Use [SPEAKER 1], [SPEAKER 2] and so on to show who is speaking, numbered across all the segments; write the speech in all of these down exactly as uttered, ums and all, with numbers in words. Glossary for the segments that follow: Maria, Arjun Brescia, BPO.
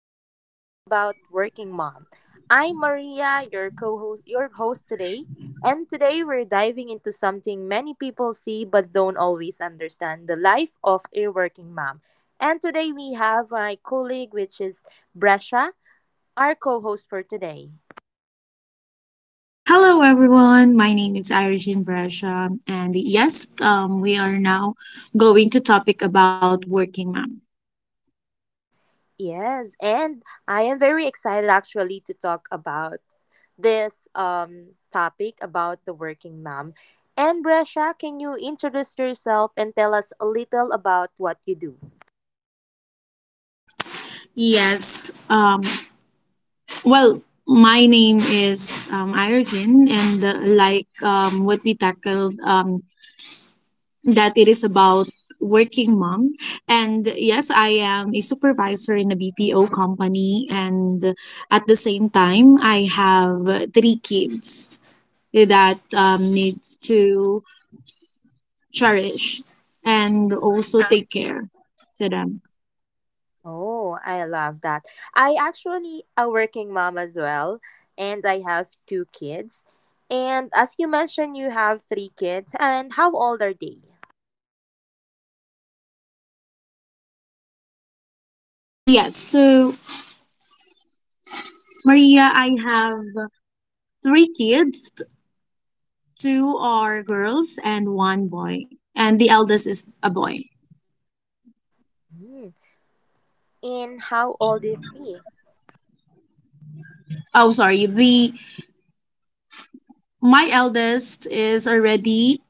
[SPEAKER 1] where we talk about working mom. I'm Maria, your co-host, your host today, and today we're diving into something many people see but don't always understand: the life of a working mom. And today we have my colleague, which is Brescia, our co-host for today.
[SPEAKER 2] Hello, everyone. My name is Arjun Brescia, and yes, um, we are now going to topic about working mom.
[SPEAKER 1] Yes, and I am very excited actually to talk about this um, topic about the working mom. And Brescia, can you introduce yourself and tell us a little about what you do?
[SPEAKER 2] Yes, um, well, my name is um, Arjun, and uh, like um, what we tackled, um, that it is about working mom. And yes, I am a supervisor in a B P O company, and at the same time, I have three kids that um, needs to cherish, and also take care to them.
[SPEAKER 1] Oh, I love that. I actually a working mom as well, and I have two kids. And as you mentioned, you have three kids. And how old are they?
[SPEAKER 2] Yes, so Maria, I have three kids. Two are girls and one boy. And the eldest is a boy.
[SPEAKER 1] Hmm. And how old is he?
[SPEAKER 2] Oh, sorry. The my eldest is already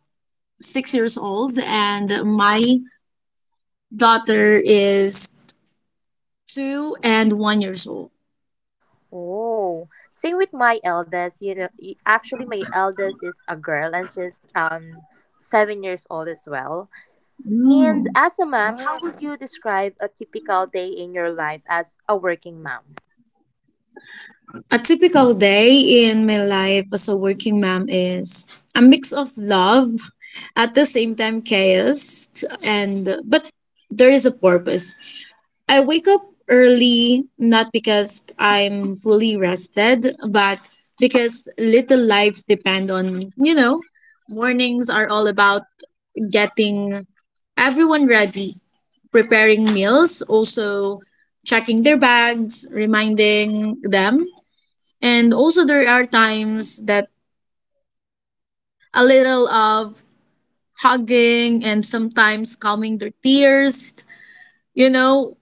[SPEAKER 2] six years old, and my daughter is two and one years old.
[SPEAKER 1] Oh, same with my eldest. You know, y- actually, my eldest is a girl, and she's um seven years old as well. And
[SPEAKER 2] Oh.
[SPEAKER 1] as a mom, how would you describe a typical day in your life as a working mom?
[SPEAKER 2] A typical day in my life as a working mom is a mix of love, at the same time chaos, and but there is a purpose. I wake up early not because I'm fully rested, but because little lives depend on, you know, mornings are all about getting everyone ready, preparing meals, also checking their bags, reminding them and also, there are times that a little of hugging and sometimes calming their tears. You know,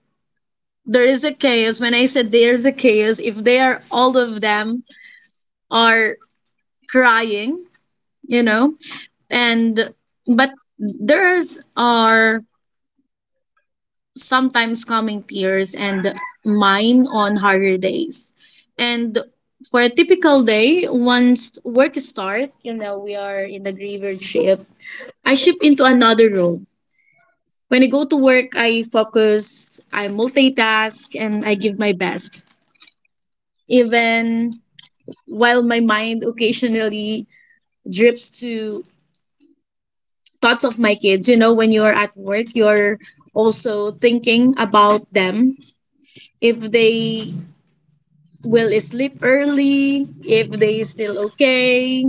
[SPEAKER 2] there is a chaos. When I said there is a chaos, if they are all of them are crying, you know, and but theirs are sometimes calming tears and mine on harder days. And for a typical day, once work start, you know, we are in the griever ship I shift into another role. When I go to work, I focus, I multitask, and I give my best. Even while my mind occasionally drips to thoughts of my kids, you know, when you're at work, you're also thinking about them. If they will sleep early if they still okay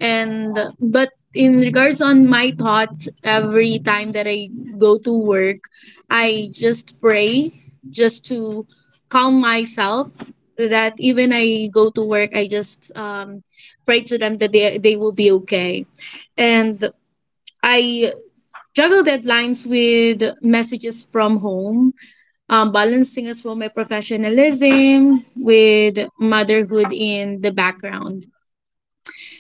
[SPEAKER 2] and but in regards on my thoughts every time that I go to work I just pray just to calm myself that even I go to work I just um, pray to them that they, they will be okay and I juggle deadlines with messages from home, um, balancing as well my professionalism with motherhood in the background.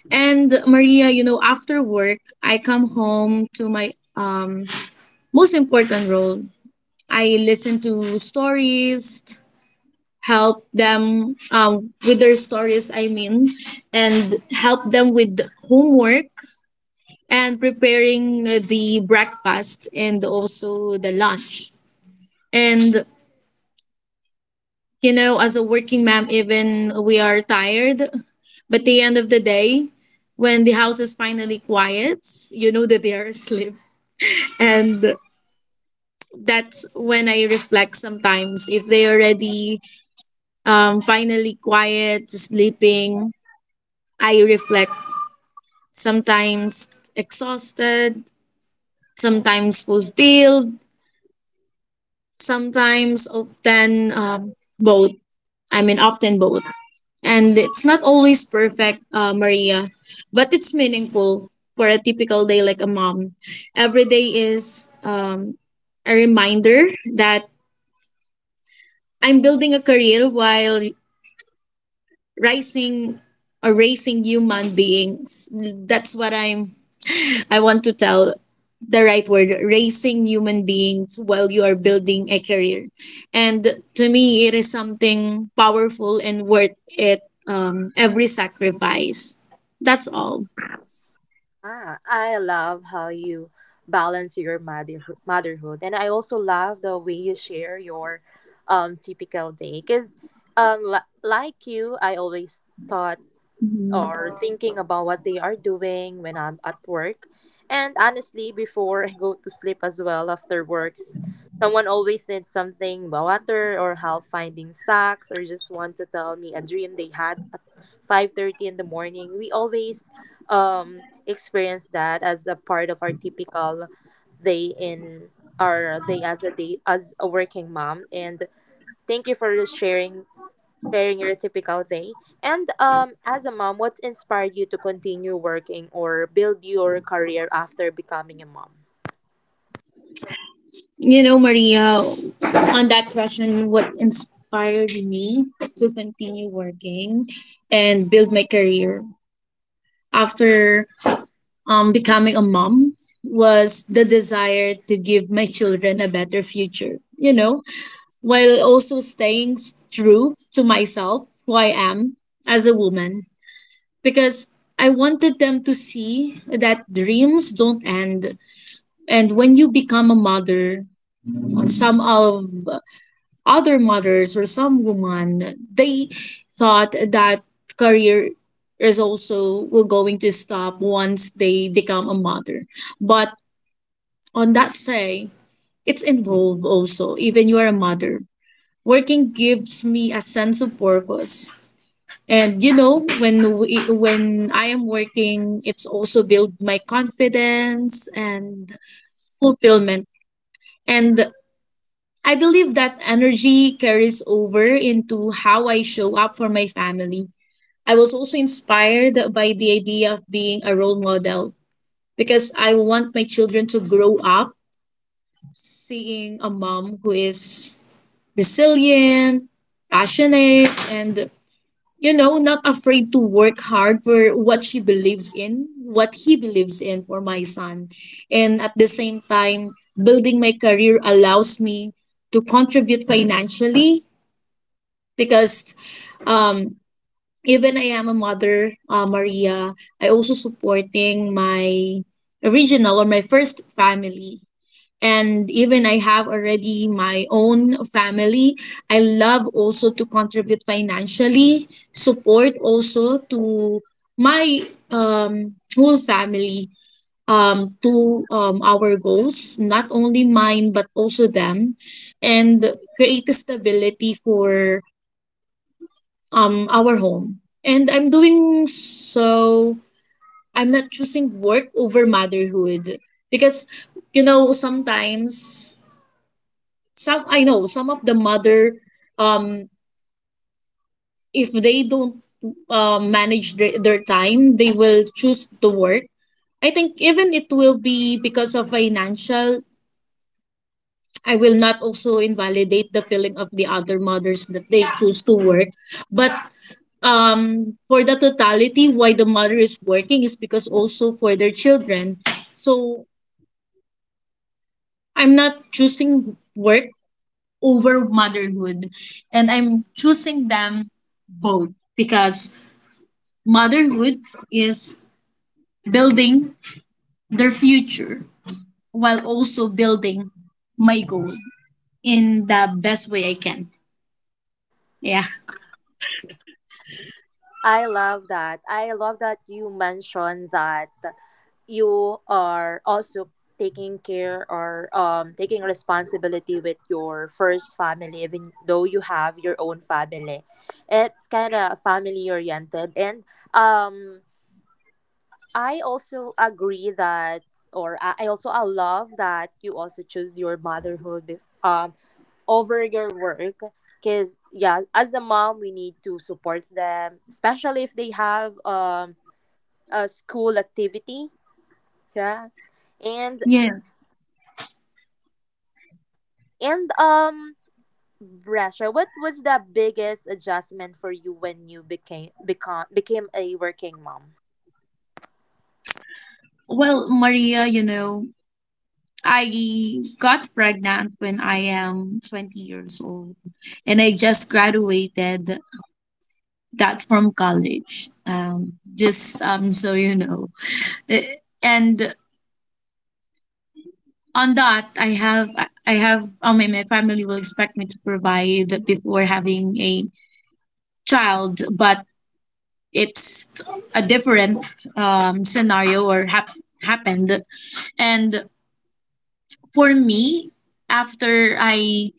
[SPEAKER 2] And Maria, you know, after work, I come home to my um, most important role. I listen to stories, help them um, with their stories, I mean, and help them with homework and preparing the breakfast and also the lunch. And you know, as a working mom, even we are tired. But the end of the day, when the house is finally quiet, you know that they are asleep. And that's when I reflect sometimes. If they already um, finally quiet, sleeping, I reflect sometimes exhausted, sometimes fulfilled, sometimes often um, both. I mean, often both. And it's not always perfect, uh, Maria, but it's meaningful for a typical day like a mom. Every day is um, a reminder that I'm building a career while rising or raising human beings. That's what I'm I want to tell the right word raising human beings while you are building a career. And to me, it is something powerful and worth it um, every sacrifice. That's all.
[SPEAKER 1] Ah, I love how you balance your mother motherhood, and I also love the way you share your um typical day. Cause um li- like you, I always thought or
[SPEAKER 2] Mhm.
[SPEAKER 1] thinking about what they are doing when I'm at work. And honestly, before I go to sleep as well after works, someone always needs something about water or help finding socks or just want to tell me a dream they had at five thirty in the morning. We always um experience that as a part of our typical day in our day as a day as a working mom, and thank you for sharing sharing your typical day. And um, as a mom, what's inspired you to continue working or build your career after becoming a mom?
[SPEAKER 2] You know, Maria, on that question, what inspired me to continue working and build my career after um, becoming a mom was the desire to give my children a better future. You know, while also staying s- true to myself, who I am as a woman, because I wanted them to see that dreams don't end. And when you become a mother, some of other mothers or some women, they thought that career is also were going to stop once they become a mother. But on that say, it's involved also, even you are a mother. Working gives me a sense of purpose. And you know, when we, when I am working, it's also build my confidence and fulfillment. And I believe that energy carries over into how I show up for my family. I was also inspired by the idea of being a role model because I want my children to grow up seeing a mom who is resilient, passionate, and you know, not afraid to work hard for what she believes in, what he believes in for my son. And at the same time, building my career allows me to contribute financially because um, even I am a mother, uh, Maria, I also supporting my original or my first family and even I have already my own family, I love also to contribute financially, support also to my um, whole family, um, to um, our goals, not only mine but also them, and create a stability for um, our home. And I'm doing so. I'm not choosing work over motherhood because you know sometimes some I know some of the mother um if they don't uh, manage their, their time they will choose to work. I think even it will be because of financial. I will not also invalidate the feeling of the other mothers that they choose to work, but um for the totality why the mother is working is because also for their children. So I'm not choosing work over motherhood. And I'm choosing them both because motherhood is building their future while also building my goal in the best way I can. Yeah.
[SPEAKER 1] I love that. I love that you mentioned that you are also taking care or um taking responsibility with your first family even though you have your own family. It's kind of family oriented, and um I also agree that, or I I also I love that you also choose your motherhood bef- um over your work. Cause yeah, as a mom, we need to support them, especially if they have um a school activity. Yeah, and
[SPEAKER 2] Yes.
[SPEAKER 1] and um, Brasha, what was the biggest adjustment for you when you became become became a working mom?
[SPEAKER 2] Well, Maria, you know, I got pregnant when I am twenty years old and I just graduated that from college. Um, just um, so you know. Eh, And on that i have i have i mean my family will expect me to provide before having a child but it's a different um, scenario or hap- happened. And for me after I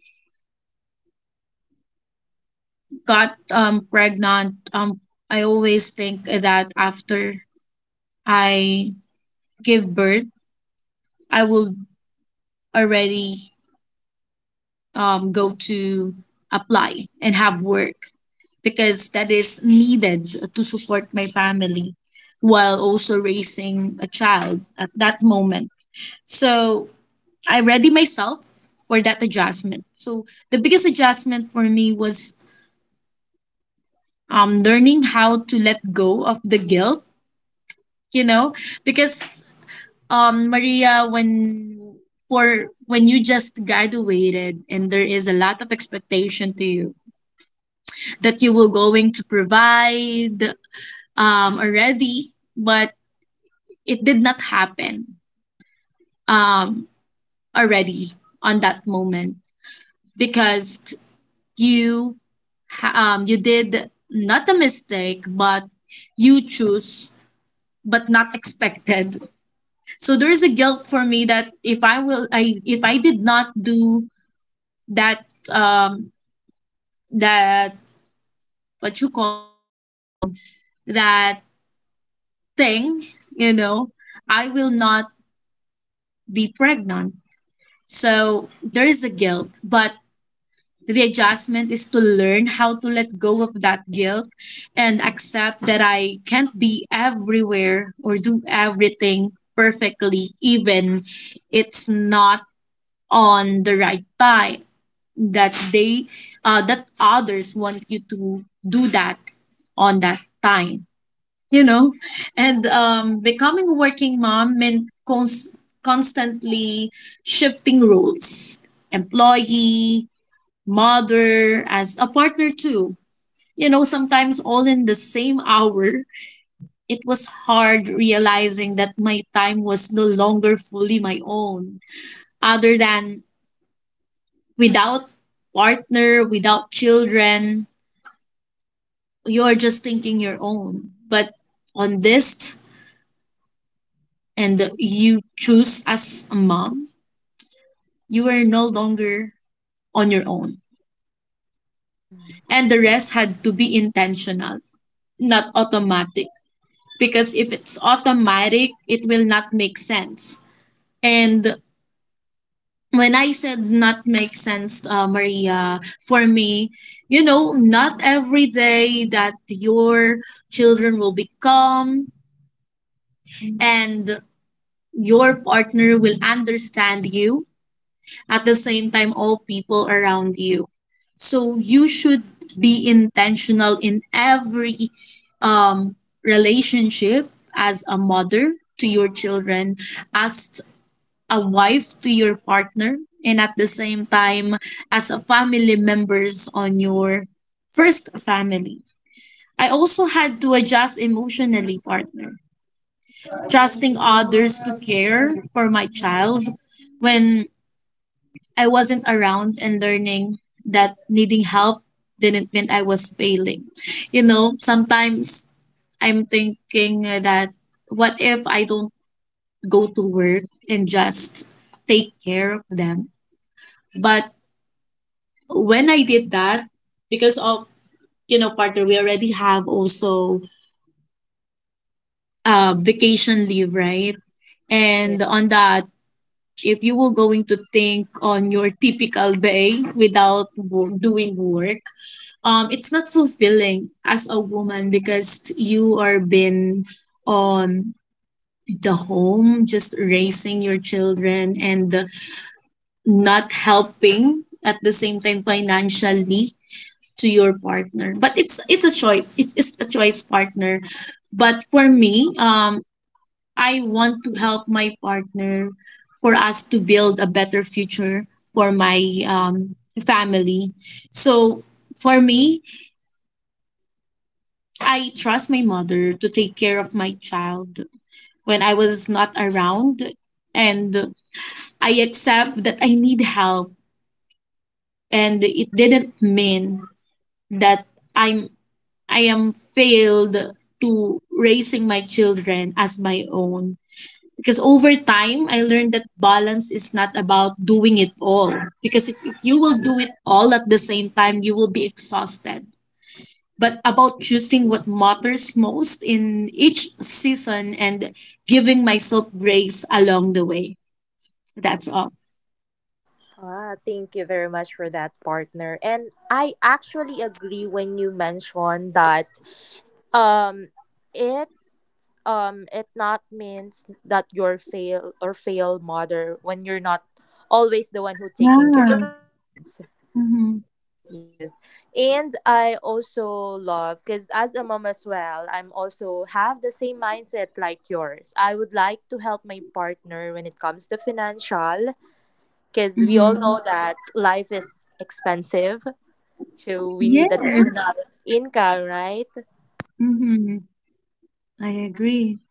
[SPEAKER 2] got um, pregnant, um, I always think that after I give birth I will already um, go to apply and have work because that is needed to support my family while also raising a child at that moment. So I ready myself for that adjustment. So the biggest adjustment for me was um, learning how to let go of the guilt, you know, because um, Maria, when for when you just graduated and there is a lot of expectation to you that you will going to provide um, already, but it did not happen um, already on that moment because t- you ha- um, you did not a mistake but you choose but not expected. So there is a guilt for me that if i will i if I did not do that um that what you call that um that thing you know I will not be pregnant. So there is a guilt but the adjustment is to learn how to let go of that guilt and accept that I can't be everywhere or do everything perfectly, even it's not on the right time. That they, uh, that others want you to do that on that time, you know, and um, becoming a working mom meant cons- constantly shifting roles, employee, mother, as a partner too. You know, sometimes all in the same hour. It was hard realizing that my time was no longer fully my own. Other than without partner, without children, you're just thinking your own. But on this, and you choose as a mom, you are no longer on your own.
[SPEAKER 1] Mhm.
[SPEAKER 2] And the rest had to be intentional, not automatic. Because if it's automatic, it will not make sense. And when I said not make sense, uh, Maria, for me, you know, not every day that your children will be calm and your partner will understand you at the same time all people around you. So you should be intentional in every um, relationship as a mother to your children, as a wife to your partner, and at the same time as a family members on your first family. I also had to adjust emotionally, partner, trusting others to care for my child when I wasn't around and learning that needing help didn't mean I was failing. You know, sometimes I'm thinking that what if I don't go to work and just take care of them? But when I did that, because of, you know, partner, we already have also uh, vacation leave, right? And on that, if you were going to think on your typical day without wo- doing work, um it's not fulfilling as a woman because you are been on the home just raising your children and not helping at the same time financially to your partner but it's it's a choice, it's, it's a choice partner. But for me um I want to help my partner for us to build a better future for my um family. So for me I trust my mother to take care of my child when I was not around. And I accept that I need help. And it didn't mean that I'm I am failed to raising my children as my own. Because over time I learned that balance is not about doing it all. Because if, if you will do it all at the same time, you will be exhausted. But about choosing what matters most in each season and giving myself breaks along the way. That's all.
[SPEAKER 1] Ah, thank you very much for that, partner. And I actually agree when you mentioned that um it um it not means that you're fail or fail mother when you're not always the one who taking care of
[SPEAKER 2] Yes.
[SPEAKER 1] the kids.
[SPEAKER 2] Mm-hmm.
[SPEAKER 1] Yes. And I also love, cuz as a mom as well, I'm also have the same mindset like yours. I would like to help my partner when it comes to financial, because we all
[SPEAKER 2] Mm-hmm.
[SPEAKER 1] know that life is expensive, so we need
[SPEAKER 2] Yes.
[SPEAKER 1] additional income, right?
[SPEAKER 2] Mm-hmm. I agree.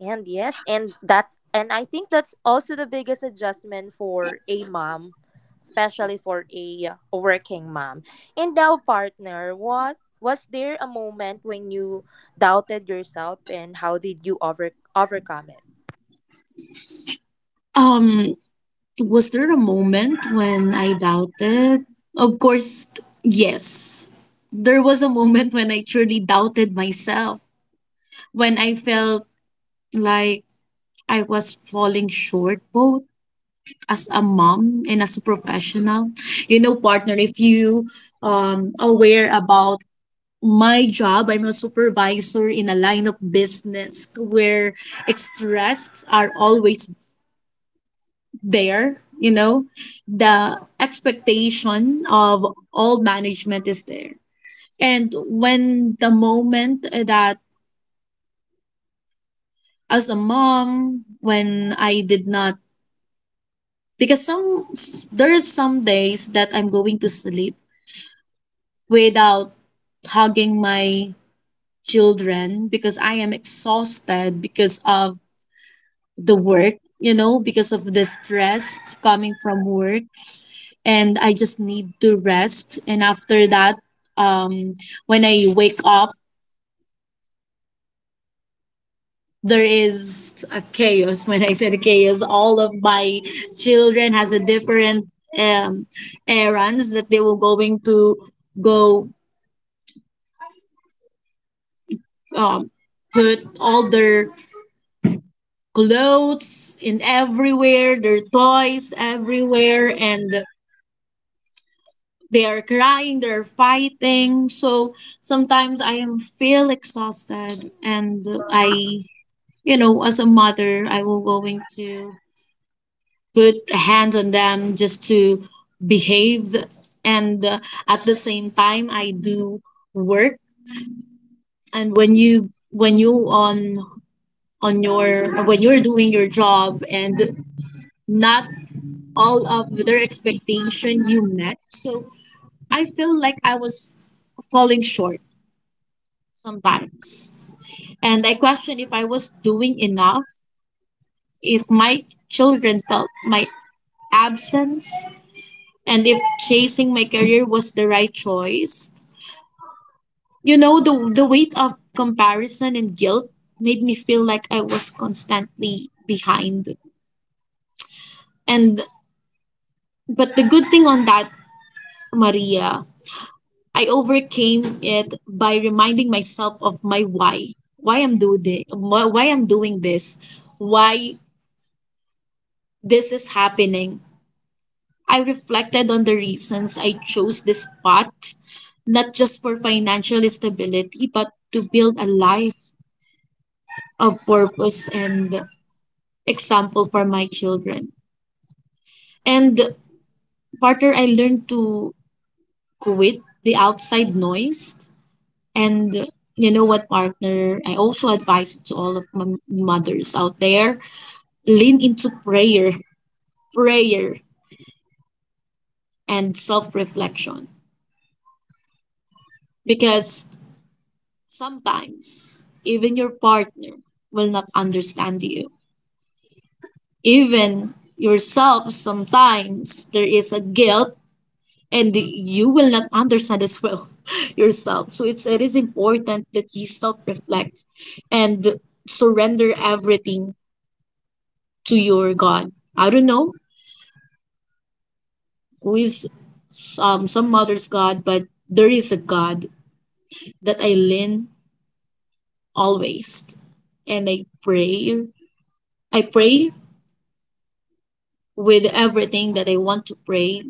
[SPEAKER 1] And yes, and that's, and I think that's also the biggest adjustment for a mom, especially for a working mom. And now, partner, what was there a moment when you doubted yourself and how did you over overcome it?
[SPEAKER 2] Um, was there a moment when I doubted? Of course, yes. There was a moment when I truly doubted myself, when I felt like I was falling short both as a mom and as a professional. You know, partner, if you um aware about my job, I'm a supervisor in a line of business where stress are always there, you know, the expectation of all management is there. And when the moment that, as a mom, when I did not, because some there is some days that I'm going to sleep without hugging my children because I am exhausted because of the work, you know, because of the stress coming from work. And I just need to rest. And after that, um, when I wake up, there is a chaos. When I said chaos, all of my children has a different um, errands that they were going to go, um, put all their clothes in everywhere, their toys everywhere, and they are crying, they're fighting. So sometimes I am feel exhausted, and I, you know, as a mother, I will going to put a hand on them just to behave, and uh, at the same time, I do work. And when you when you on on your when you're doing your job and not all of their expectation you met. So I feel like I was falling short sometimes. And I question if I was doing enough, if my children felt my absence, and if chasing my career was the right choice. You know, the, the weight of comparison and guilt made me feel like I was constantly behind. And but the good thing on that, Maria, I overcame it by reminding myself of my why. Why I'm doing this, why I'm doing this, why this is happening. I reflected on the reasons I chose this path, not just for financial stability, but to build a life of purpose and example for my children. And partner, I learned to quit the outside noise. And you know what, partner? I also advise it to all of my mothers out there: lean into prayer, prayer, and self reflection. Because sometimes even your partner will not understand you. Even yourself, sometimes there is a guilt and you will not understand as well yourself. So it's it is important that you self reflect and surrender everything to your God. I don't know who is, um, some mother's God, but there is a God that I lean always. And I pray. I pray with everything that I want to pray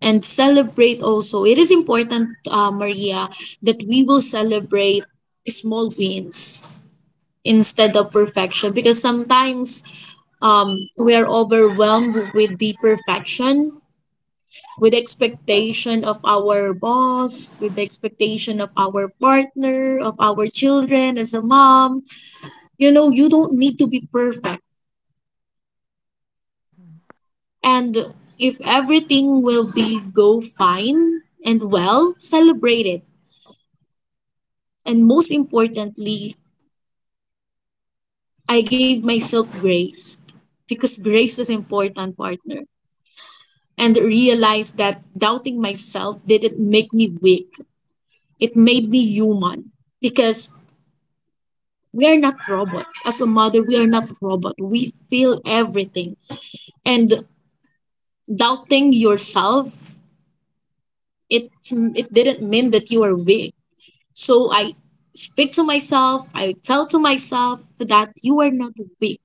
[SPEAKER 2] and celebrate also. It is important, uh, Maria, that we will celebrate small wins instead of perfection because sometimes, um, we are overwhelmed with the perfection, with the expectation of our boss, with the expectation of our partner, of our children as a mom. You know, you don't need to be perfect.
[SPEAKER 1] Mhm.
[SPEAKER 2] And if everything will be go fine and well, celebrate it. And most importantly, I gave myself grace because grace is important, partner. And realized that doubting myself didn't make me weak. It made me human, because we are not robot. As a mother, we are not robot. We feel everything. And doubting yourself, it it didn't mean that you are weak. So I speak to myself. I tell to myself that you are not weak.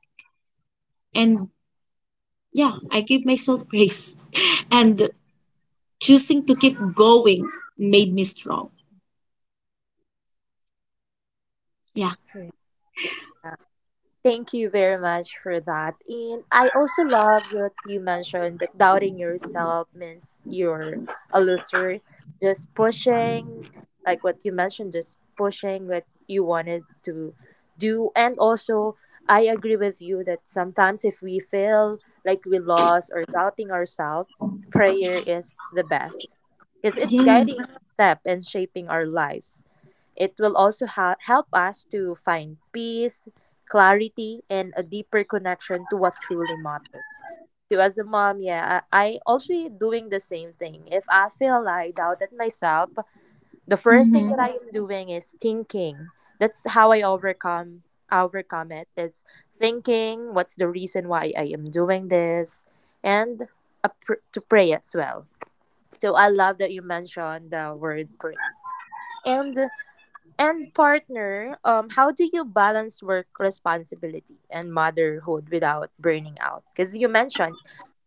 [SPEAKER 2] And yeah, I give myself grace. And choosing to keep going made me strong. Yeah.
[SPEAKER 1] Right. Thank you very much for that. And I also love what you mentioned that doubting yourself means you're a loser. Just pushing, like what you mentioned, just pushing what you wanted to do. And also, I agree with you that sometimes if we feel like we lost or doubting ourselves, prayer is the best, because it's guiding
[SPEAKER 2] Yes.
[SPEAKER 1] our step and shaping our lives. It will also ha- help us to find peace, clarity, and a deeper connection to what truly matters. So as a mom, yeah, I, I also doing the same thing. If I feel like doubt at myself, the first thing that
[SPEAKER 2] Mm-hmm.
[SPEAKER 1] I am doing is thinking. That's how I overcome overcome it. Is thinking what's the reason why I am doing this, and a pr- to pray as well. So I love that you mentioned the word pray. And and partner, um, how do you balance work responsibility and motherhood without burning out? Because you mentioned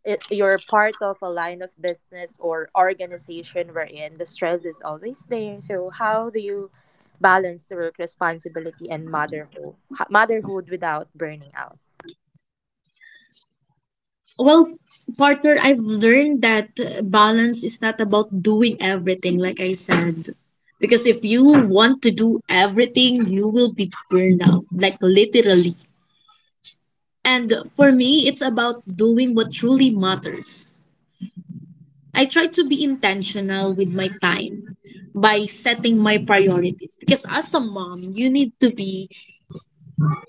[SPEAKER 1] it, you're part of a line of business or organization wherein the stress is always there. So how do you balance the work responsibility and motherhood, ho- motherhood without burning out?
[SPEAKER 2] Well, partner, I've learned that balance is not about doing everything, like I said. Because if you want to do everything, you will be burned out, like literally. And for me, it's about doing what truly matters. I try to be intentional with my time by setting my priorities. Because as a mom, you need to be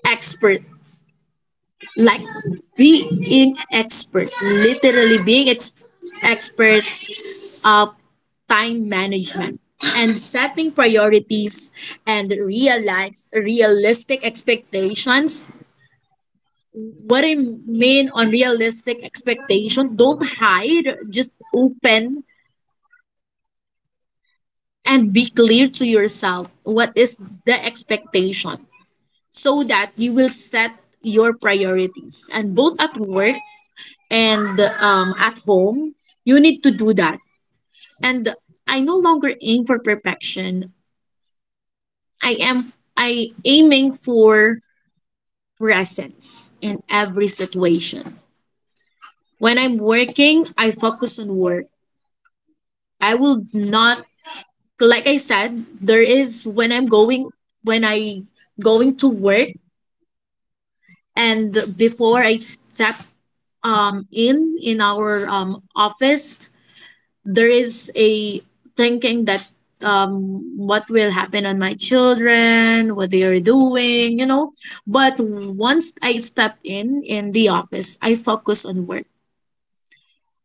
[SPEAKER 2] expert, like being expert, literally being ex- expert of time management and setting priorities and realize realistic expectations. What I mean on realistic expectation, don't hide, just open and be clear to yourself what is the expectation so that you will set your priorities, and both at work and um, at home, you need to do that. And I no longer aim for perfection. I am I aiming for presence in every situation. When I'm working, I focus on work. I will not like I said, there is, when I'm going, when I going to work, and before I step um in in our um office, there is a thinking that, um what will happen on my children, what they are doing, you know? But once I step in in the office, I focus on work.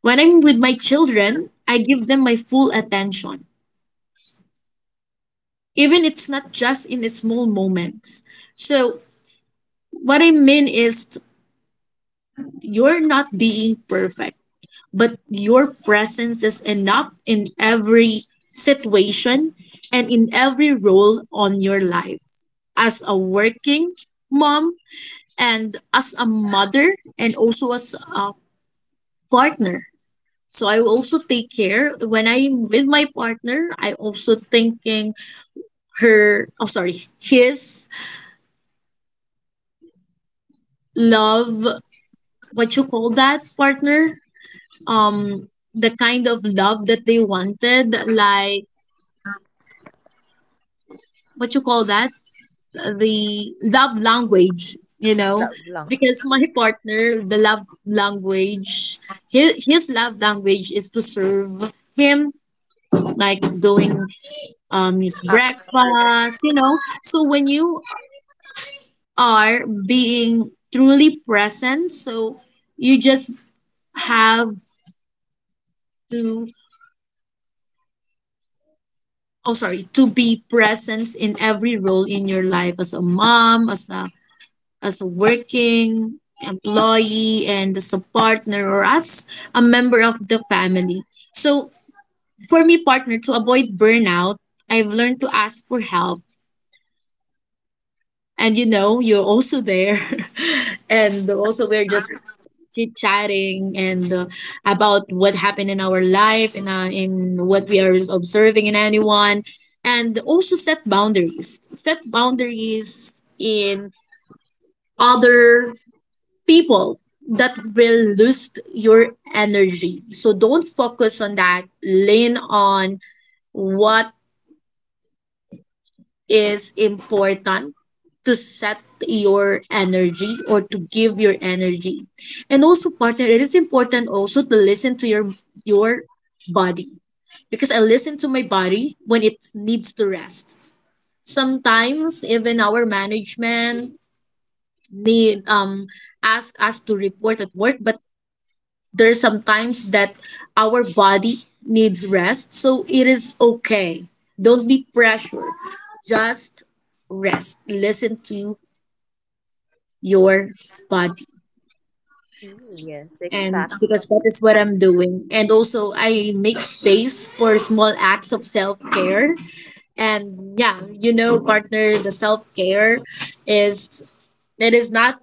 [SPEAKER 2] When I'm with my children, I give them my full attention, even it's not just in the small moments. So what I mean is, you're not being perfect, but your presence is enough in every situation and in every role on your life, as a working mom and as a mother, and also as a partner. So I also take care: when I'm with my partner, I also thinking her oh sorry his love, what you call that, partner? Um the kind of love that they wanted, like, what you call that? The love language, you know.
[SPEAKER 1] Lo-
[SPEAKER 2] It's
[SPEAKER 1] Long,
[SPEAKER 2] because my partner, the love language, his, his love language is to serve him, like doing um his
[SPEAKER 1] ah, further.
[SPEAKER 2] breakfast, you know. So when you are being truly present, so you just have to oh sorry to be present in every role in your life, as a mom, as a as a working employee, and as a partner, or as a member of the family. So for me, partner, to avoid burnout, I've learned to ask for help. And you know, you're also there. And also we're just chit chatting, and uh, about what happened in our life, and uh, in what we are observing in anyone. And also, set boundaries set boundaries in other people that will lose your energy. So don't focus on that. Lean on what is important, to set your energy or to give your energy. And also partner, it is important also to listen to your your body, because I listen to my body when it needs to rest. Sometimes even our management need um ask us to report at work, but there's sometimes that our body needs rest, so it is okay, don't be pressured, just rest, listen to your body.
[SPEAKER 1] Mm, yes,
[SPEAKER 2] And
[SPEAKER 1] exactly.
[SPEAKER 2] because that is what I'm doing. And also I make space for small acts of self-care. And yeah, you know, partner, the self-care is, it is not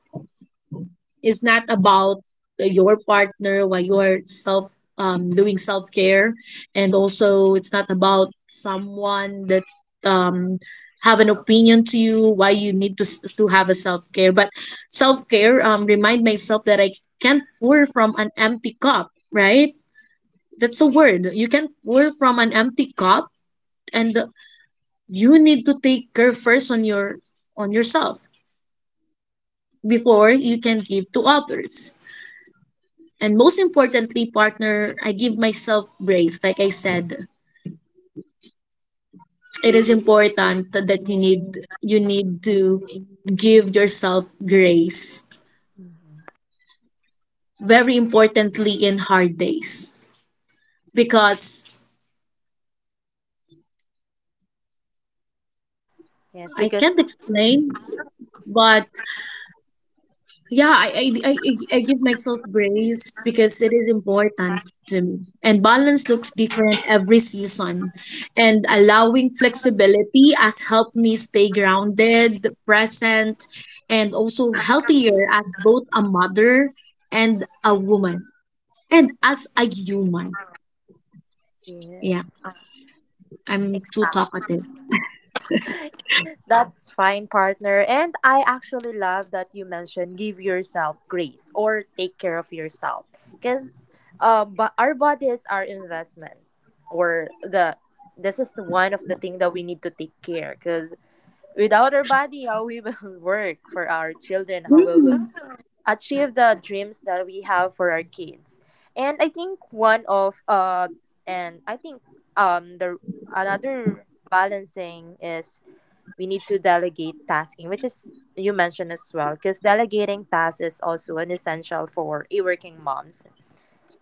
[SPEAKER 2] it's not about your partner while you're self, um doing self care, and also it's not about someone that um have an opinion to you why you need to s- to have a self care. But self care, um remind myself that I can't pour from an empty cup, right? That's a word. You can pour from an empty cup, and you need to take care first on your on yourself before you can give to others. And most importantly, partner, I give myself grace. Like I said, it is important that you need you need to give yourself grace. Very importantly in hard days. Because
[SPEAKER 1] Yes,
[SPEAKER 2] I can't
[SPEAKER 1] because
[SPEAKER 2] explain, but yeah, I, I, I, I I give myself grace because it is important to me. And balance looks different every season. And allowing flexibility has helped me stay grounded, present, and also healthier as both a mother and a woman. And as a human. Yeah,
[SPEAKER 1] yes,
[SPEAKER 2] I'm too
[SPEAKER 1] exactly.
[SPEAKER 2] talkative.
[SPEAKER 1] That's fine, partner. And I actually love that you mentioned give yourself grace or take care of yourself. Because um, but our bodies are investment, or the this is the one of the thing that we need to take care, because without our body how we will work for our children, how we will
[SPEAKER 2] Yes,
[SPEAKER 1] achieve the dreams that we have for our kids. And I think one of uh and i think um the another balancing is, we need to delegate tasking, which is you mentioned as well, because delegating tasks is also an essential for a working moms,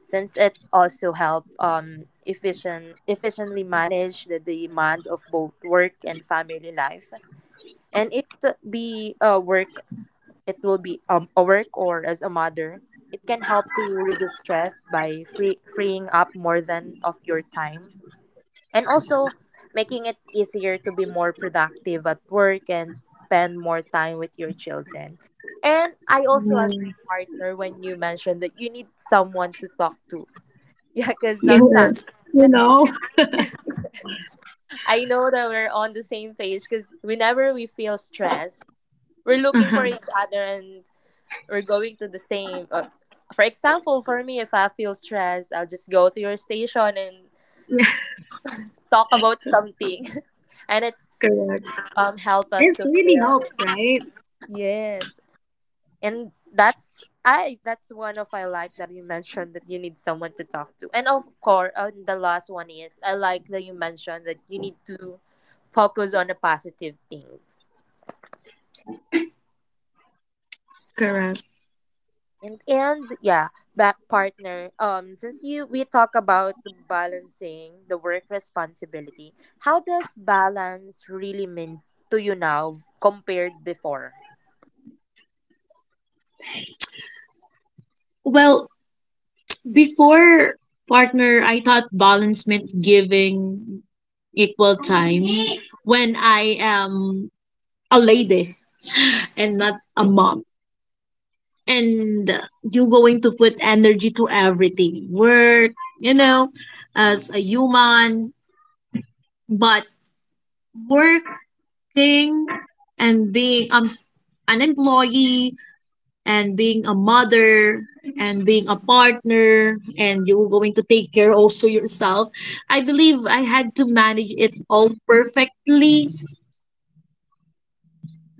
[SPEAKER 1] since it's also help um efficient efficiently manage the demands of both work and family life, and it be a work, it will be um, a work or as a mother. It can help to reduce stress by free, freeing up more than of your time and also making it easier to be more productive at work and spend more time with your children. And I also agree,
[SPEAKER 2] yes,
[SPEAKER 1] partner, when you mentioned that you need someone to talk to. Yeah, because sometimes,
[SPEAKER 2] yes. You
[SPEAKER 1] yeah,
[SPEAKER 2] know?
[SPEAKER 1] I know that we're on the same page, because whenever we feel stressed, we're looking for
[SPEAKER 2] Uh-huh,
[SPEAKER 1] each other, and we're going to the same. Uh, for example, for me, if I feel stressed, I'll just go to your station and talk about something. And it's
[SPEAKER 2] correct.
[SPEAKER 1] um help us
[SPEAKER 2] It
[SPEAKER 1] to
[SPEAKER 2] really
[SPEAKER 1] feel.
[SPEAKER 2] helps, right?
[SPEAKER 1] Yes. And that's I that's one of I like that you mentioned that you need someone to talk to. And of course, and the last one is, I like that you mentioned that you need to focus on the positive things.
[SPEAKER 2] Correct.
[SPEAKER 1] And and yeah, back partner. Um since you we talk about the balancing the work responsibility, how does balance really mean to you now compared before?
[SPEAKER 2] Well, before partner, I thought balance meant giving equal time when I am a lady and not a mom. And you're going to put energy to everything work, you know, as a human. But working and being, um, an employee, and being a mother, and being a partner, and you were going to take care also yourself, I believe I had to manage it all perfectly,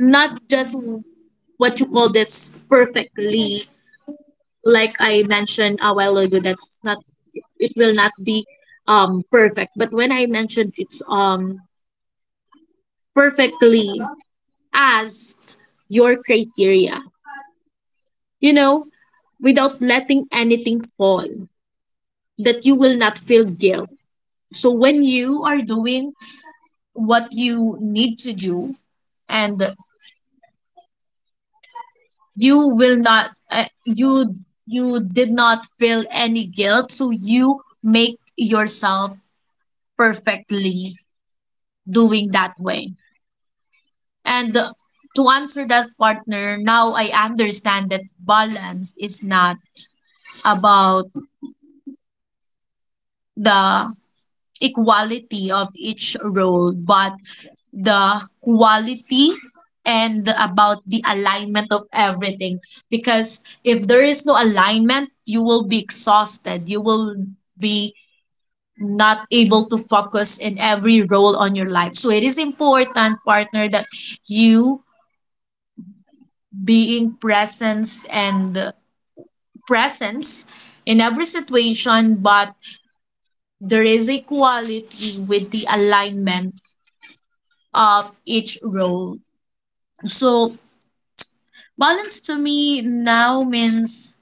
[SPEAKER 2] not just, what you call, that's perfectly, like I mentioned a while ago, that's not, it will not be um perfect, but when I mentioned it's um perfectly, as your criteria, you know without letting anything fall, that you will not feel guilt. So when you are doing what you need to do, and you will not, uh, you you did not feel any guilt, so you make yourself perfectly doing that way. And uh, to answer that, partner, now I understand that balance is not about the equality of each role, but the quality, and about the alignment of everything. Because if there is no alignment, you will be exhausted. You will be not able to focus in every role on your life. So it is important, partner, that you being presence and presence in every situation, but there is equality with the alignment of each role. So, balance to me now means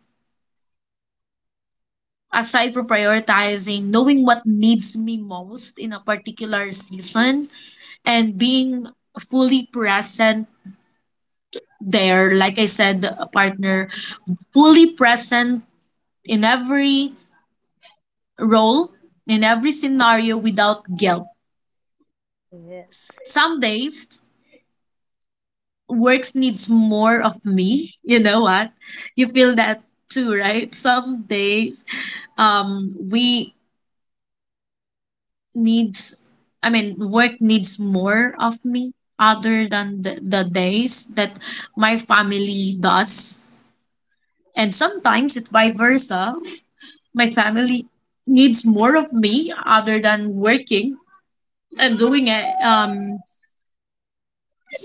[SPEAKER 2] aside from prioritizing, knowing what needs me most in a particular season and being fully present there. Like I said, a partner, fully present in every role, in every scenario without guilt.
[SPEAKER 1] Yes.
[SPEAKER 2] Some days works needs more of me. You know what? You feel that too, right? Some days um we needs I mean work needs more of me other than the, the days that my family does. And sometimes it's vice versa. My family needs more of me other than working and doing a, um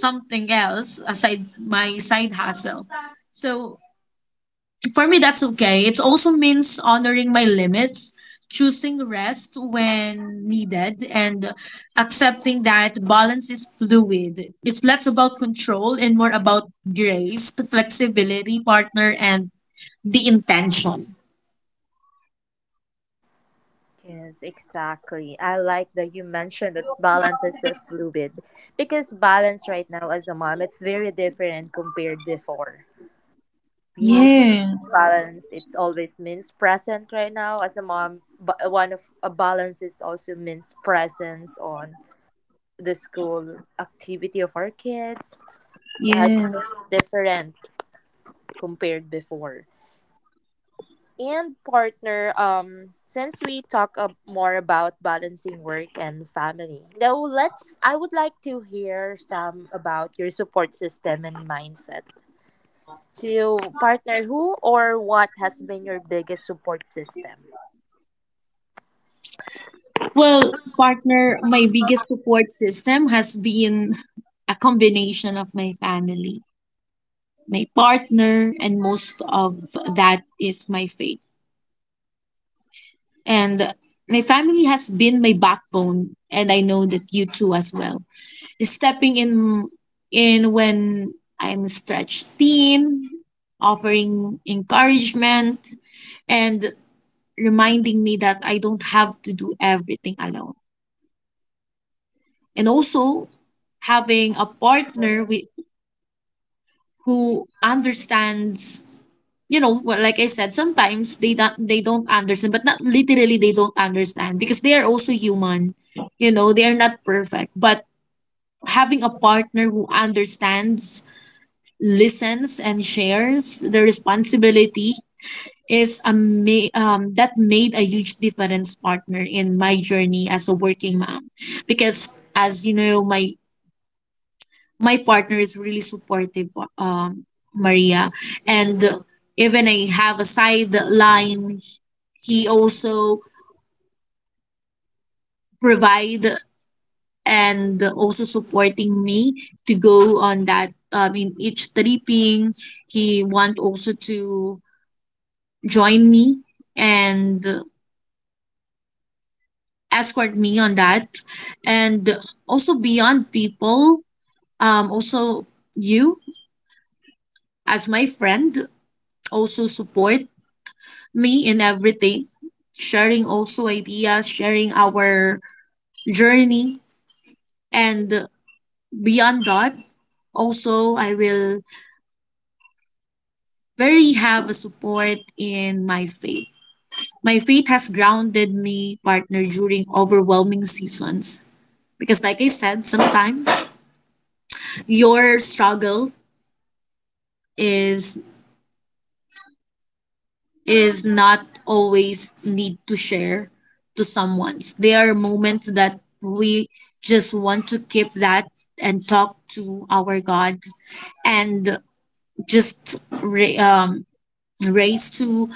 [SPEAKER 2] something else aside my side hustle. So for me, that's okay. It also means honoring my limits, choosing rest when needed, and accepting that balance is fluid. It's less about control and more about grace, the flexibility, partner, and the intention.
[SPEAKER 1] Yes, exactly. I like that you mentioned that balance is a fluid, because balance right now as a mom, it's very different compared before. We need to
[SPEAKER 2] Yes,
[SPEAKER 1] balance. It's always means present right now as a mom. But one of a balance is also means presence on the school activity of our kids. Yeah, it's
[SPEAKER 2] yes.
[SPEAKER 1] different compared before. And partner, um, since we talk uh, more about balancing work and family, now let's. I would like to hear some about your support system and mindset. So, partner, who or what has been your biggest support system?
[SPEAKER 2] Well, partner, my biggest support system has been a combination of my family, my partner, and most of that is my faith. And my family has been my backbone, and I know that you too as well. Stepping in in when I'm stretched thin, offering encouragement, and reminding me that I don't have to do everything alone. And also having a partner with, who understands you know well, like I said, sometimes they don't they don't understand, but not literally they don't understand because they are also human, you know, they are not perfect. But having a partner who understands, listens, and shares the responsibility is a ma- um that made a huge difference, partner, in my journey as a working mom. Because as you know, my my partner is really supportive, um, Maria. And even I have a sideline, he also provide and also supporting me to go on that, um, in each tripping. He want also to join me and escort me on that. And also beyond people, um, also you as my friend also support me in everything, sharing also ideas, sharing our journey. And beyond that, also, I will very have a support in my faith. My faith has grounded me, partner, during overwhelming seasons. Because, like I said, sometimes your struggle is is not always need to share to someone. There are moments that we just want to keep that and talk to our God and just ra- um, raise to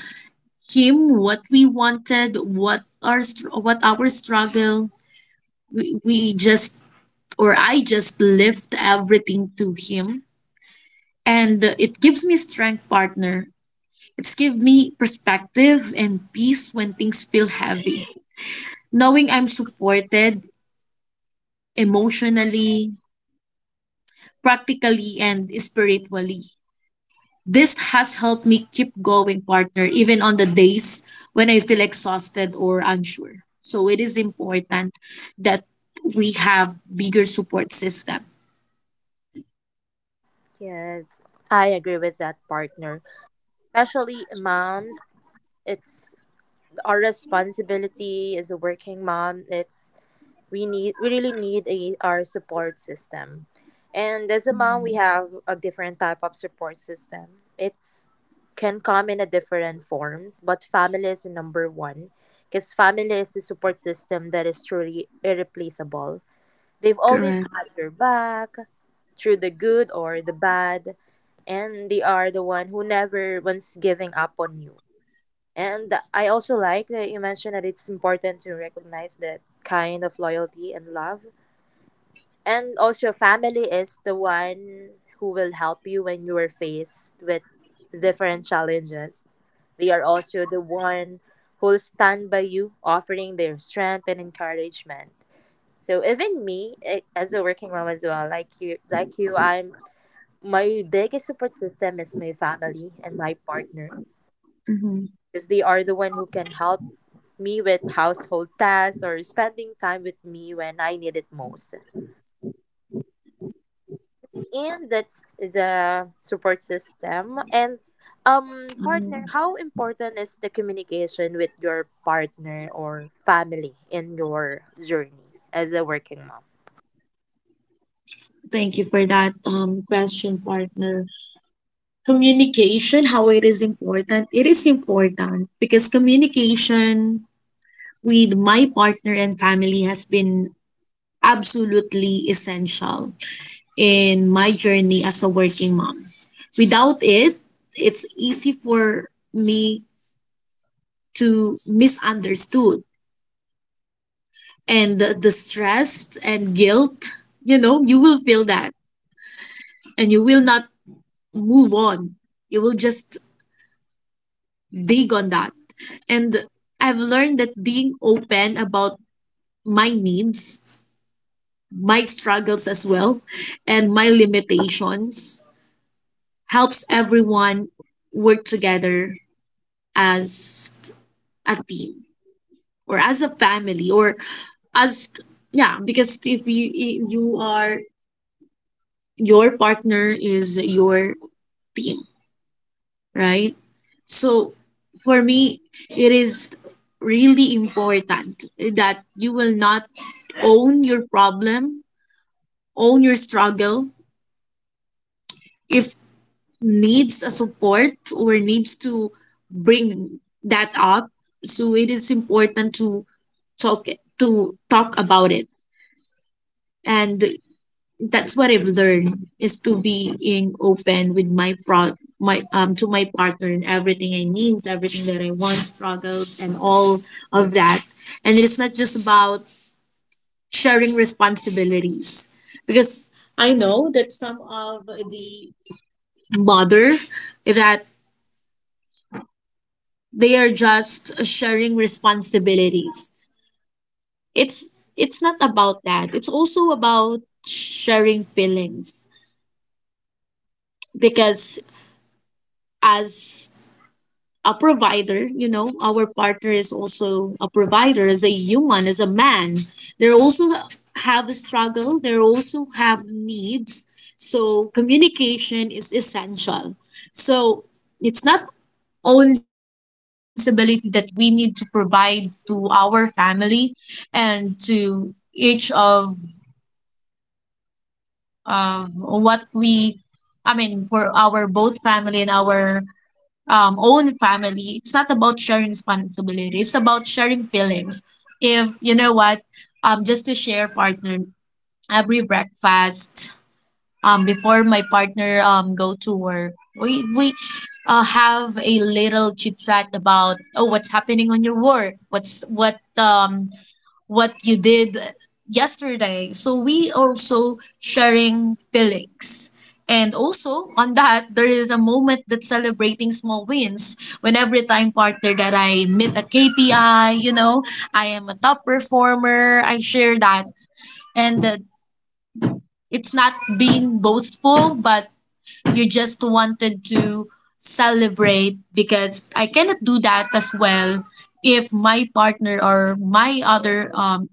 [SPEAKER 2] Him what we wanted, what our str- what our struggle. We, we just, or I just lift everything to Him, and it gives me strength, partner. It's give me perspective and peace when things feel heavy, knowing I'm supported emotionally, practically, and spiritually. This has helped me keep going, partner, even on the days when I feel exhausted or unsure. So it is important that we have bigger support system.
[SPEAKER 1] Yes, I agree with that, partner. Especially moms, it's our responsibility as a working mom. It's we need we really need a our support system. And as a mom,
[SPEAKER 2] Mm,
[SPEAKER 1] we have a different type of support system, it's can come in a different forms, but family is the number one, because family is the support system that is truly irreplaceable. They've always
[SPEAKER 2] Correct.
[SPEAKER 1] had your back through the good or the bad, and they are the one who never once giving up on you. And I also like that you mentioned that it's important to recognize that kind of loyalty and love. And also, family is the one who will help you when you are faced with different challenges. They are also the one who will stand by you, offering their strength and encouragement. So even me, eh, as a working mom as well, like you, like you, I'm my biggest support system is my family and my partner,
[SPEAKER 2] Hmm
[SPEAKER 1] because they are the one who can help me with household tasks or spending time with me when I need it most. And that's the support system. And um partner, how important is the communication with your partner or family in your journey as a working mom?
[SPEAKER 2] Thank you for that um, question, partner. Communication, how it is important. It is important because communication with my partner and family has been absolutely essential in my journey as a working mom. Without it, it's easy for me to misunderstood, and the, the stress and guilt, you know, you will feel that and you will not move on. You will just dig on that. And I've learned that being open about my needs, my struggles as well, and my limitations helps everyone work together as a team, or as a family, or as, yeah, because if you if you are your partner is your team, right? So for me, it is really important that you will not own your problem, own your struggle if needs a support or needs to bring that up. So it is important to talk to talk about it. And that's what I've learned, is to being open with my pro my um to my partner and everything I needs, everything that I want, struggles and all of that. And it's not just about sharing responsibilities, because I know that some of the mother that they are just sharing responsibilities. It's it's not about that. It's also about sharing feelings, because as a provider, you know, our partner is also a provider, as a human, as a man. They also have a struggle. They also have needs. So communication is essential. So it's not only sharing responsibility that we need to provide to our family and to each of of what we, I mean for our both family and our um, own family. It's not about sharing responsibility. It's about sharing feelings. If you know what, um, just to share, partner, every breakfast um before my partner um go to work, we we uh, have a little chit chat about, oh, what's happening on your work, what's what um what you did yesterday. So we also sharing feelings. And also on that, there is a moment that celebrating small wins when every time, partner, that I meet a KPI, you know, I am a top performer, I share that. And that, it's not being boastful, but you just wanted to celebrate, because I cannot do that as well if my partner or my other um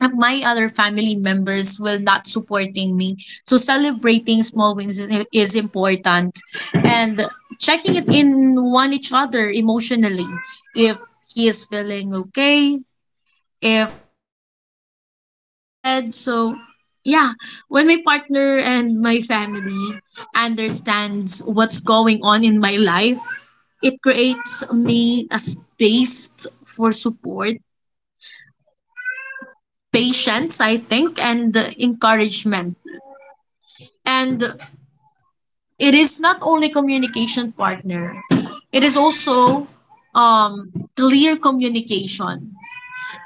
[SPEAKER 2] if my other family members will not supporting me. So celebrating small wins is is important, and checking it in one each other emotionally, if he is feeling okay, if what he needed. So, yeah, when my partner and my family understands what's going on in my life, it creates me a space for support, patience, I think, and encouragement. And it is not only communication, partner, it is also um, clear communication.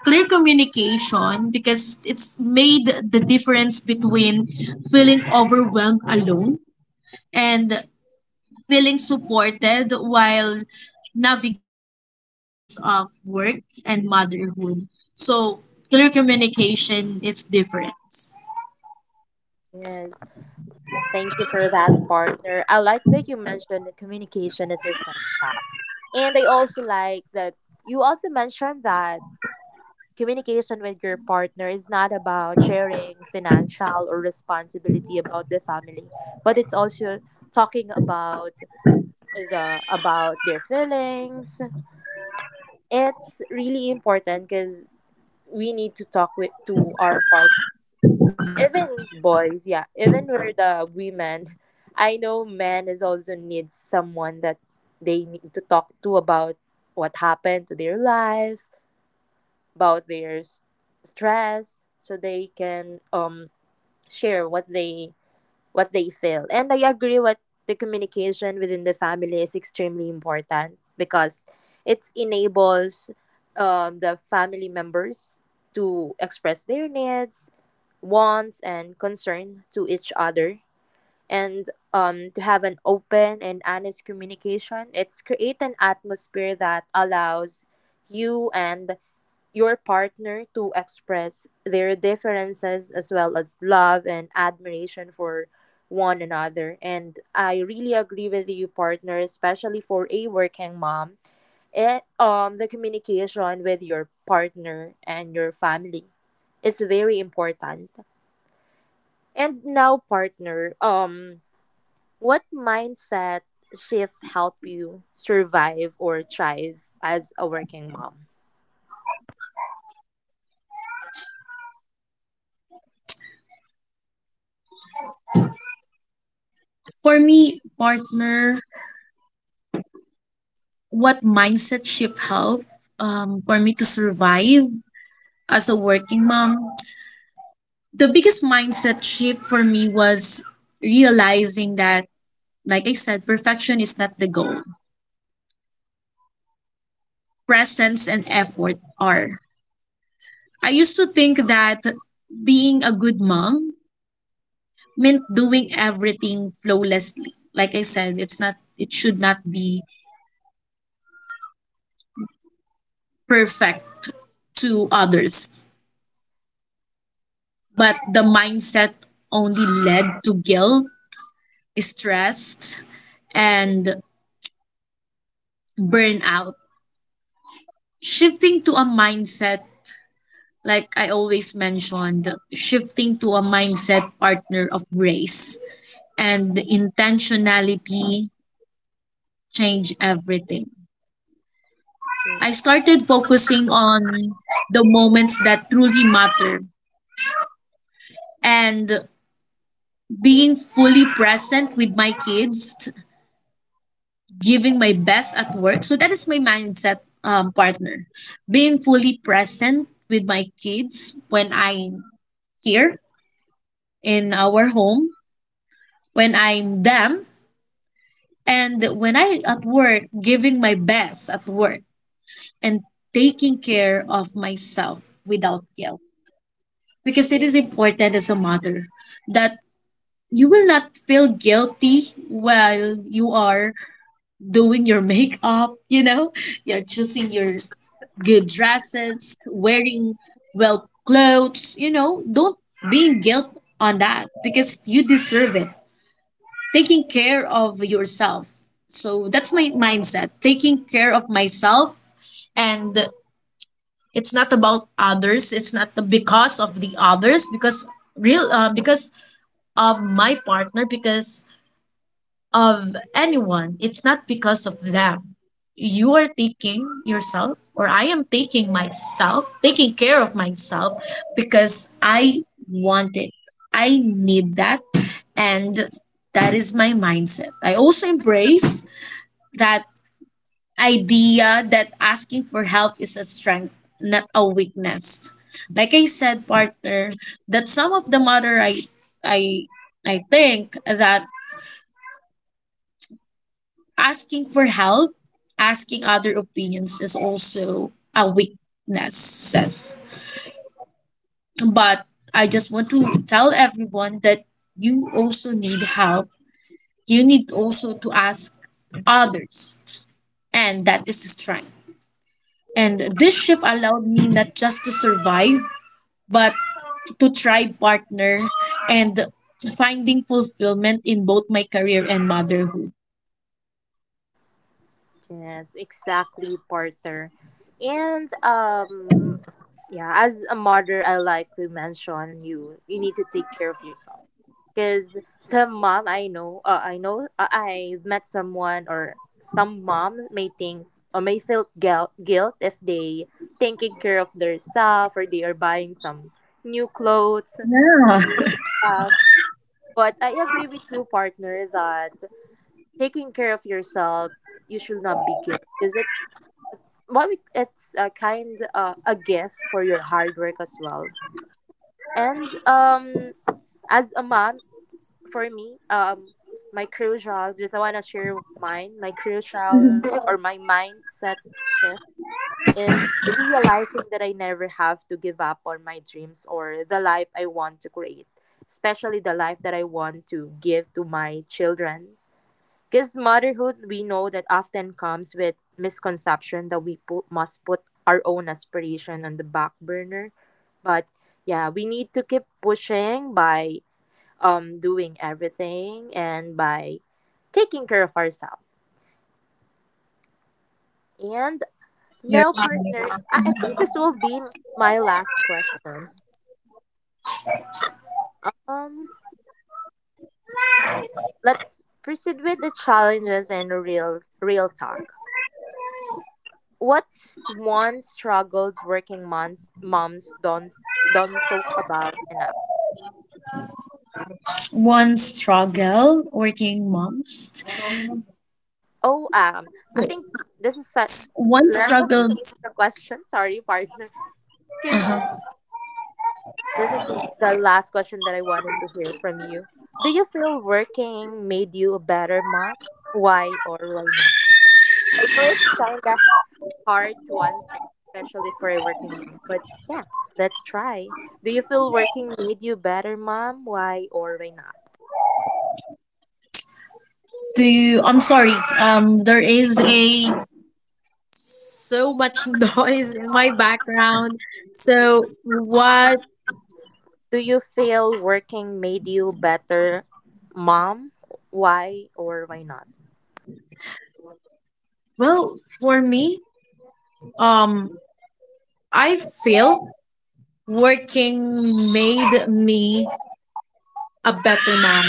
[SPEAKER 2] Clear communication because it's made the difference between feeling overwhelmed alone and feeling supported while navigating the challenges of work and motherhood. So clear communication it's difference.
[SPEAKER 1] Yes, thank you for that, partner. I like that you mentioned that communication is essential. And I also like that you also mentioned that communication with your partner is not about sharing financial or responsibility about the family, but it's also talking about the about their feelings. It's really important because we need to talk with to our partner, even boys. Yeah, even we're the women. I know men is also needs someone that they need to talk to about what happened to their life, about their s- stress, so they can um share what they what they feel. And I agree what the communication within the family is extremely important because it enables um, the family members to express their needs, wants, and concern to each other. And um, to have an open and honest communication, it's create an atmosphere that allows you and your partner to express their differences as well as love and admiration for one another. And I really agree with you, partner, especially for a working mom. It um the communication with your partner and your family is very important. And now, partner, um, what mindset shift help you survive or thrive as a working mom?
[SPEAKER 2] For me, partner, what mindset shift helped um, for me to survive as a working mom? The biggest mindset shift for me was realizing that, like I said, perfection is not the goal. Presence and effort are. I used to think that being a good mom meant doing everything flawlessly. Like I said, it's not, it should not be perfect to others. But the mindset only led to guilt, stress, and burnout. Shifting to a mindset, like I always mentioned, shifting to a mindset, partner, of grace and the intentionality change everything. I started focusing on the moments that truly matter and being fully present with my kids, giving my best at work. So that is my mindset, um, partner. Being fully present with my kids when I'm here in our home, when I'm them, and when I at work, giving my best at work. And taking care of myself without guilt. Because it is important as a mother that you will not feel guilty while you are doing your makeup, you know, you're choosing your good dresses, wearing well clothes, you know, don't be guilt on that because you deserve it. Taking care of yourself. So that's my mindset. Taking care of myself. And it's not about others. It's not the because of the others. Because real, uh, because of my partner. Because of anyone. It's not because of them. You are taking yourself, or I am taking myself, taking care of myself because I want it. I need that, and that is my mindset. I also embrace that idea that asking for help is a strength, not a weakness. Like I said, partner, that some of the mother I I I think that asking for help, asking other opinions is also a weakness. But I just want to tell everyone that you also need help. You need also to ask others, and that is strength. And this shift allowed me not just to survive, but to try, partner, and finding fulfillment in both my career and motherhood.
[SPEAKER 1] Yes, exactly, Porter. And um yeah, as a mother, I like to mention you you need to take care of yourself. Cuz some mom I know, uh, I know uh, I met someone or some mom may think or may feel guilt, guilt if they taking care of their self or they are buying some new clothes.
[SPEAKER 2] Yeah.
[SPEAKER 1] Stuff. But I agree with you, partner, that taking care of yourself you should not be guilty because it's well it- it's a kind uh, a gift for your hard work as well and um as a mom for me um my crucial, just I want to share mine my crucial or my mindset shift is realizing that I never have to give up on my dreams or the life I want to create, especially the life that I want to give to my children, because motherhood, we know that often comes with misconception that we put, must put our own aspiration on the back burner. But yeah, we need to keep pushing by um, doing everything and by taking care of ourselves. And
[SPEAKER 2] You're
[SPEAKER 1] now,
[SPEAKER 2] right.
[SPEAKER 1] partner, I, I think this will be my last question. Um, let's proceed with the challenges and real real talk. What's one struggled working moms moms don't don't talk about enough?
[SPEAKER 2] One struggle working moms.
[SPEAKER 1] Oh, um, I think
[SPEAKER 2] It's
[SPEAKER 1] this is that.
[SPEAKER 2] one
[SPEAKER 1] Let's
[SPEAKER 2] struggle.
[SPEAKER 1] change the question. Sorry, partner, because
[SPEAKER 2] Uh-huh.
[SPEAKER 1] this is the last question that I wanted to hear from you. Do you feel working made you a better mom? Why or why not? I know it's kind of hard to answer, especially for a working mom. But yeah, let's try. Do you feel working made you better mom? Why or why not?
[SPEAKER 2] Do you, I'm sorry. Um, there is a so much noise in my background. So what?
[SPEAKER 1] Do you feel working made you better mom? Why or why not?
[SPEAKER 2] Well, for me, um, I feel working made me a better mom.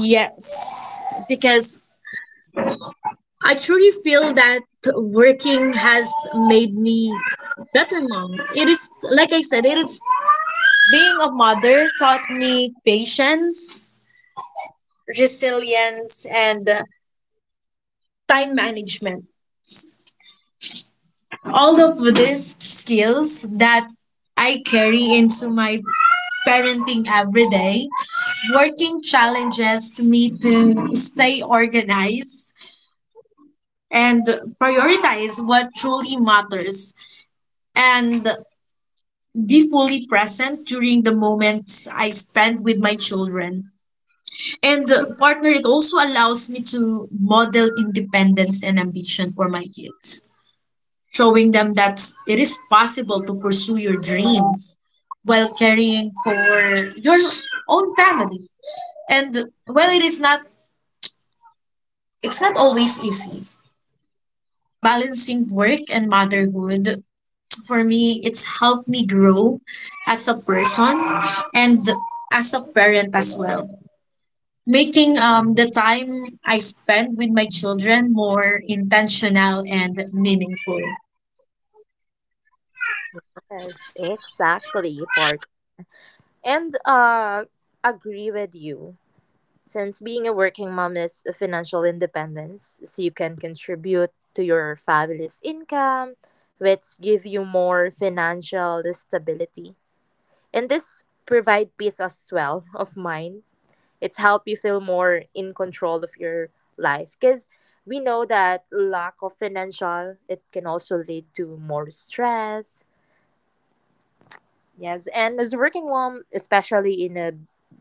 [SPEAKER 2] Yes, because I truly feel that working has made me better mom. It is, like I said, it is being a mother taught me patience, resilience, and uh, time management. All of these skills that I carry into my parenting every day. Working challenges me to stay organized and prioritize what truly matters and be fully present during the moments I spend with my children. And partner, it also allows me to model independence and ambition for my kids, showing them that it is possible to pursue your dreams while caring for your own family. And while it is not, it's not always easy. Balancing work and motherhood for me, it's helped me grow as a person and as a parent as well. Making um, the time I spend with my children more intentional and meaningful.
[SPEAKER 1] Yes, exactly, Park. And uh agree with you. Since being a working mom is a financial independence, so you can contribute to your family's income, which give you more financial stability. And this provide peace as well of mind. It's helped you feel more in control of your life because we know that lack of financial it can also lead to more stress. Yes, and as a working mom, especially in a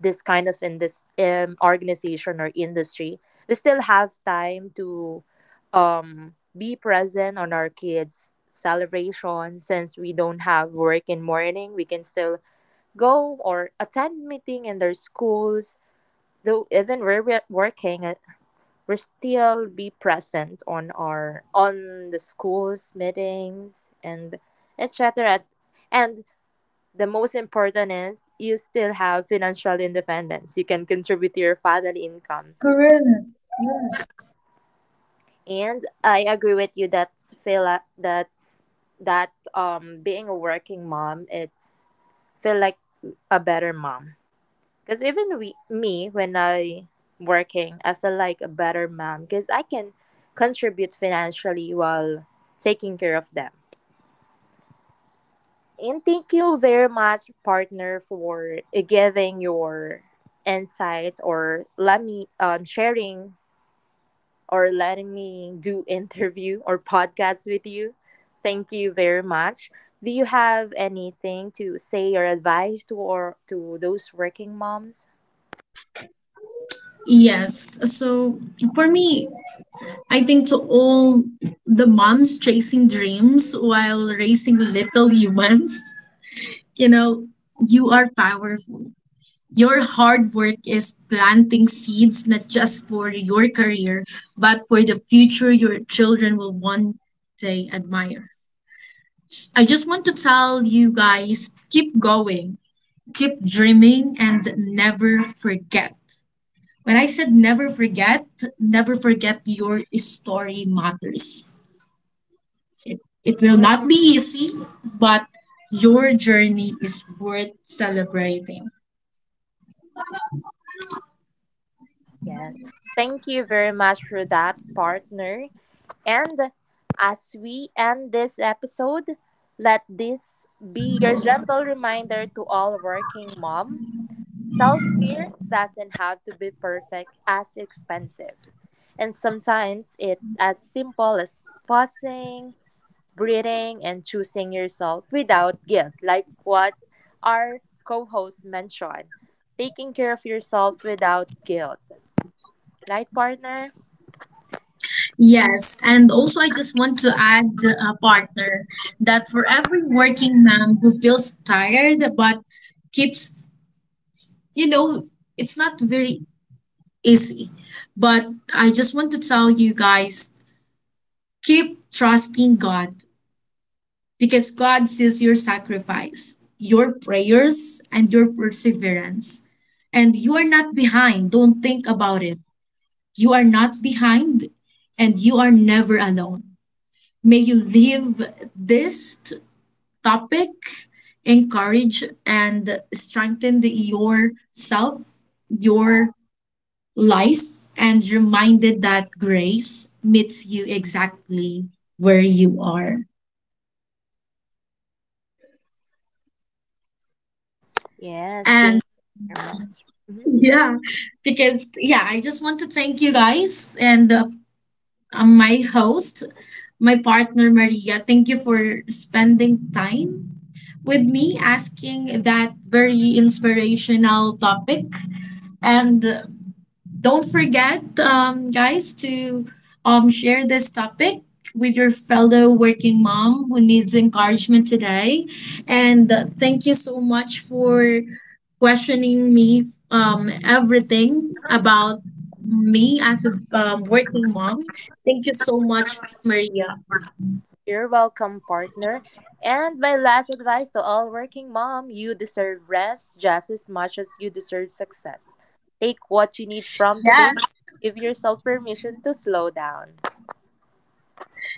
[SPEAKER 1] this kind of in this um, organization or industry, we still have time to um, be present on our kids' celebration since we don't have work in morning. We can still go or attend meeting in their schools. Though even we're we- working, uh, we still be present on our on the schools meetings and etc, and the most important is you still have financial independence, you can contribute to your family income,
[SPEAKER 2] Correct. Yes.
[SPEAKER 1] and I agree with you that feel like that that um being a working mom it's feel like a better mom. Because even we, me, when I working, I feel like a better mom because I can contribute financially while taking care of them. And thank you very much, partner, for uh, giving your insights or let me um, sharing or letting me do interview or podcasts with you. Thank you very much. Do you have anything to say or advice to or to those working moms?
[SPEAKER 2] Yes. So for me, I think to all the moms chasing dreams while raising little humans, you know, you are powerful. Your hard work is planting seeds not just for your career, but for the future your children will one day admire. I just want to tell you guys keep going, keep dreaming, and never forget. When I said never forget, never forget your story matters. It, it will not be easy, but your journey is worth celebrating.
[SPEAKER 1] Yes. Thank you very much for that, partner. And as we end this episode, let this be your gentle reminder to all working mom. Self-care doesn't have to be perfect as expensive. And sometimes it's as simple as pausing, breathing, and choosing yourself without guilt, like what our co-host mentioned. Taking care of yourself without guilt. Light partner?
[SPEAKER 2] Yes, and also I just want to add a partner that for every working mom who feels tired but keeps, you know, it's not very easy. But I just want to tell you guys keep trusting God, because God sees your sacrifice, your prayers, and your perseverance. And you are not behind. Don't think about it. You are not behind, and you are never alone. May you leave this t- topic encourage and strengthen the, yourself, your life, and reminded that grace meets you exactly where you are.
[SPEAKER 1] Yes, thank
[SPEAKER 2] And
[SPEAKER 1] you very much. Mhm.
[SPEAKER 2] yeah, because yeah, I just want to thank you guys, and uh, my host, my partner Maria. Thank you for spending time with me asking that very inspirational topic. And uh, don't forget, um, guys, to um, share this topic with your fellow working mom who needs encouragement today. And uh, thank you so much for questioning me um, everything about me as a um, working mom. Thank you so much, Maria.
[SPEAKER 1] You're welcome, partner. And my last advice to all working mom, you deserve rest just as much as you deserve success. Take what you need from today.
[SPEAKER 2] Yes.
[SPEAKER 1] Give yourself permission to slow down.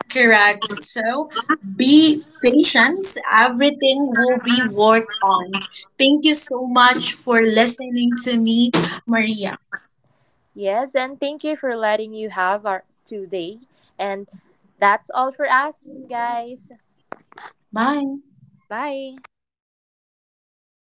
[SPEAKER 2] Correct. So be patient. Everything will be worked on. Thank you so much for listening to me, Maria.
[SPEAKER 1] Yes, and thank you for letting you have our today. And that's all for us, guys.
[SPEAKER 2] Bye.
[SPEAKER 1] Bye.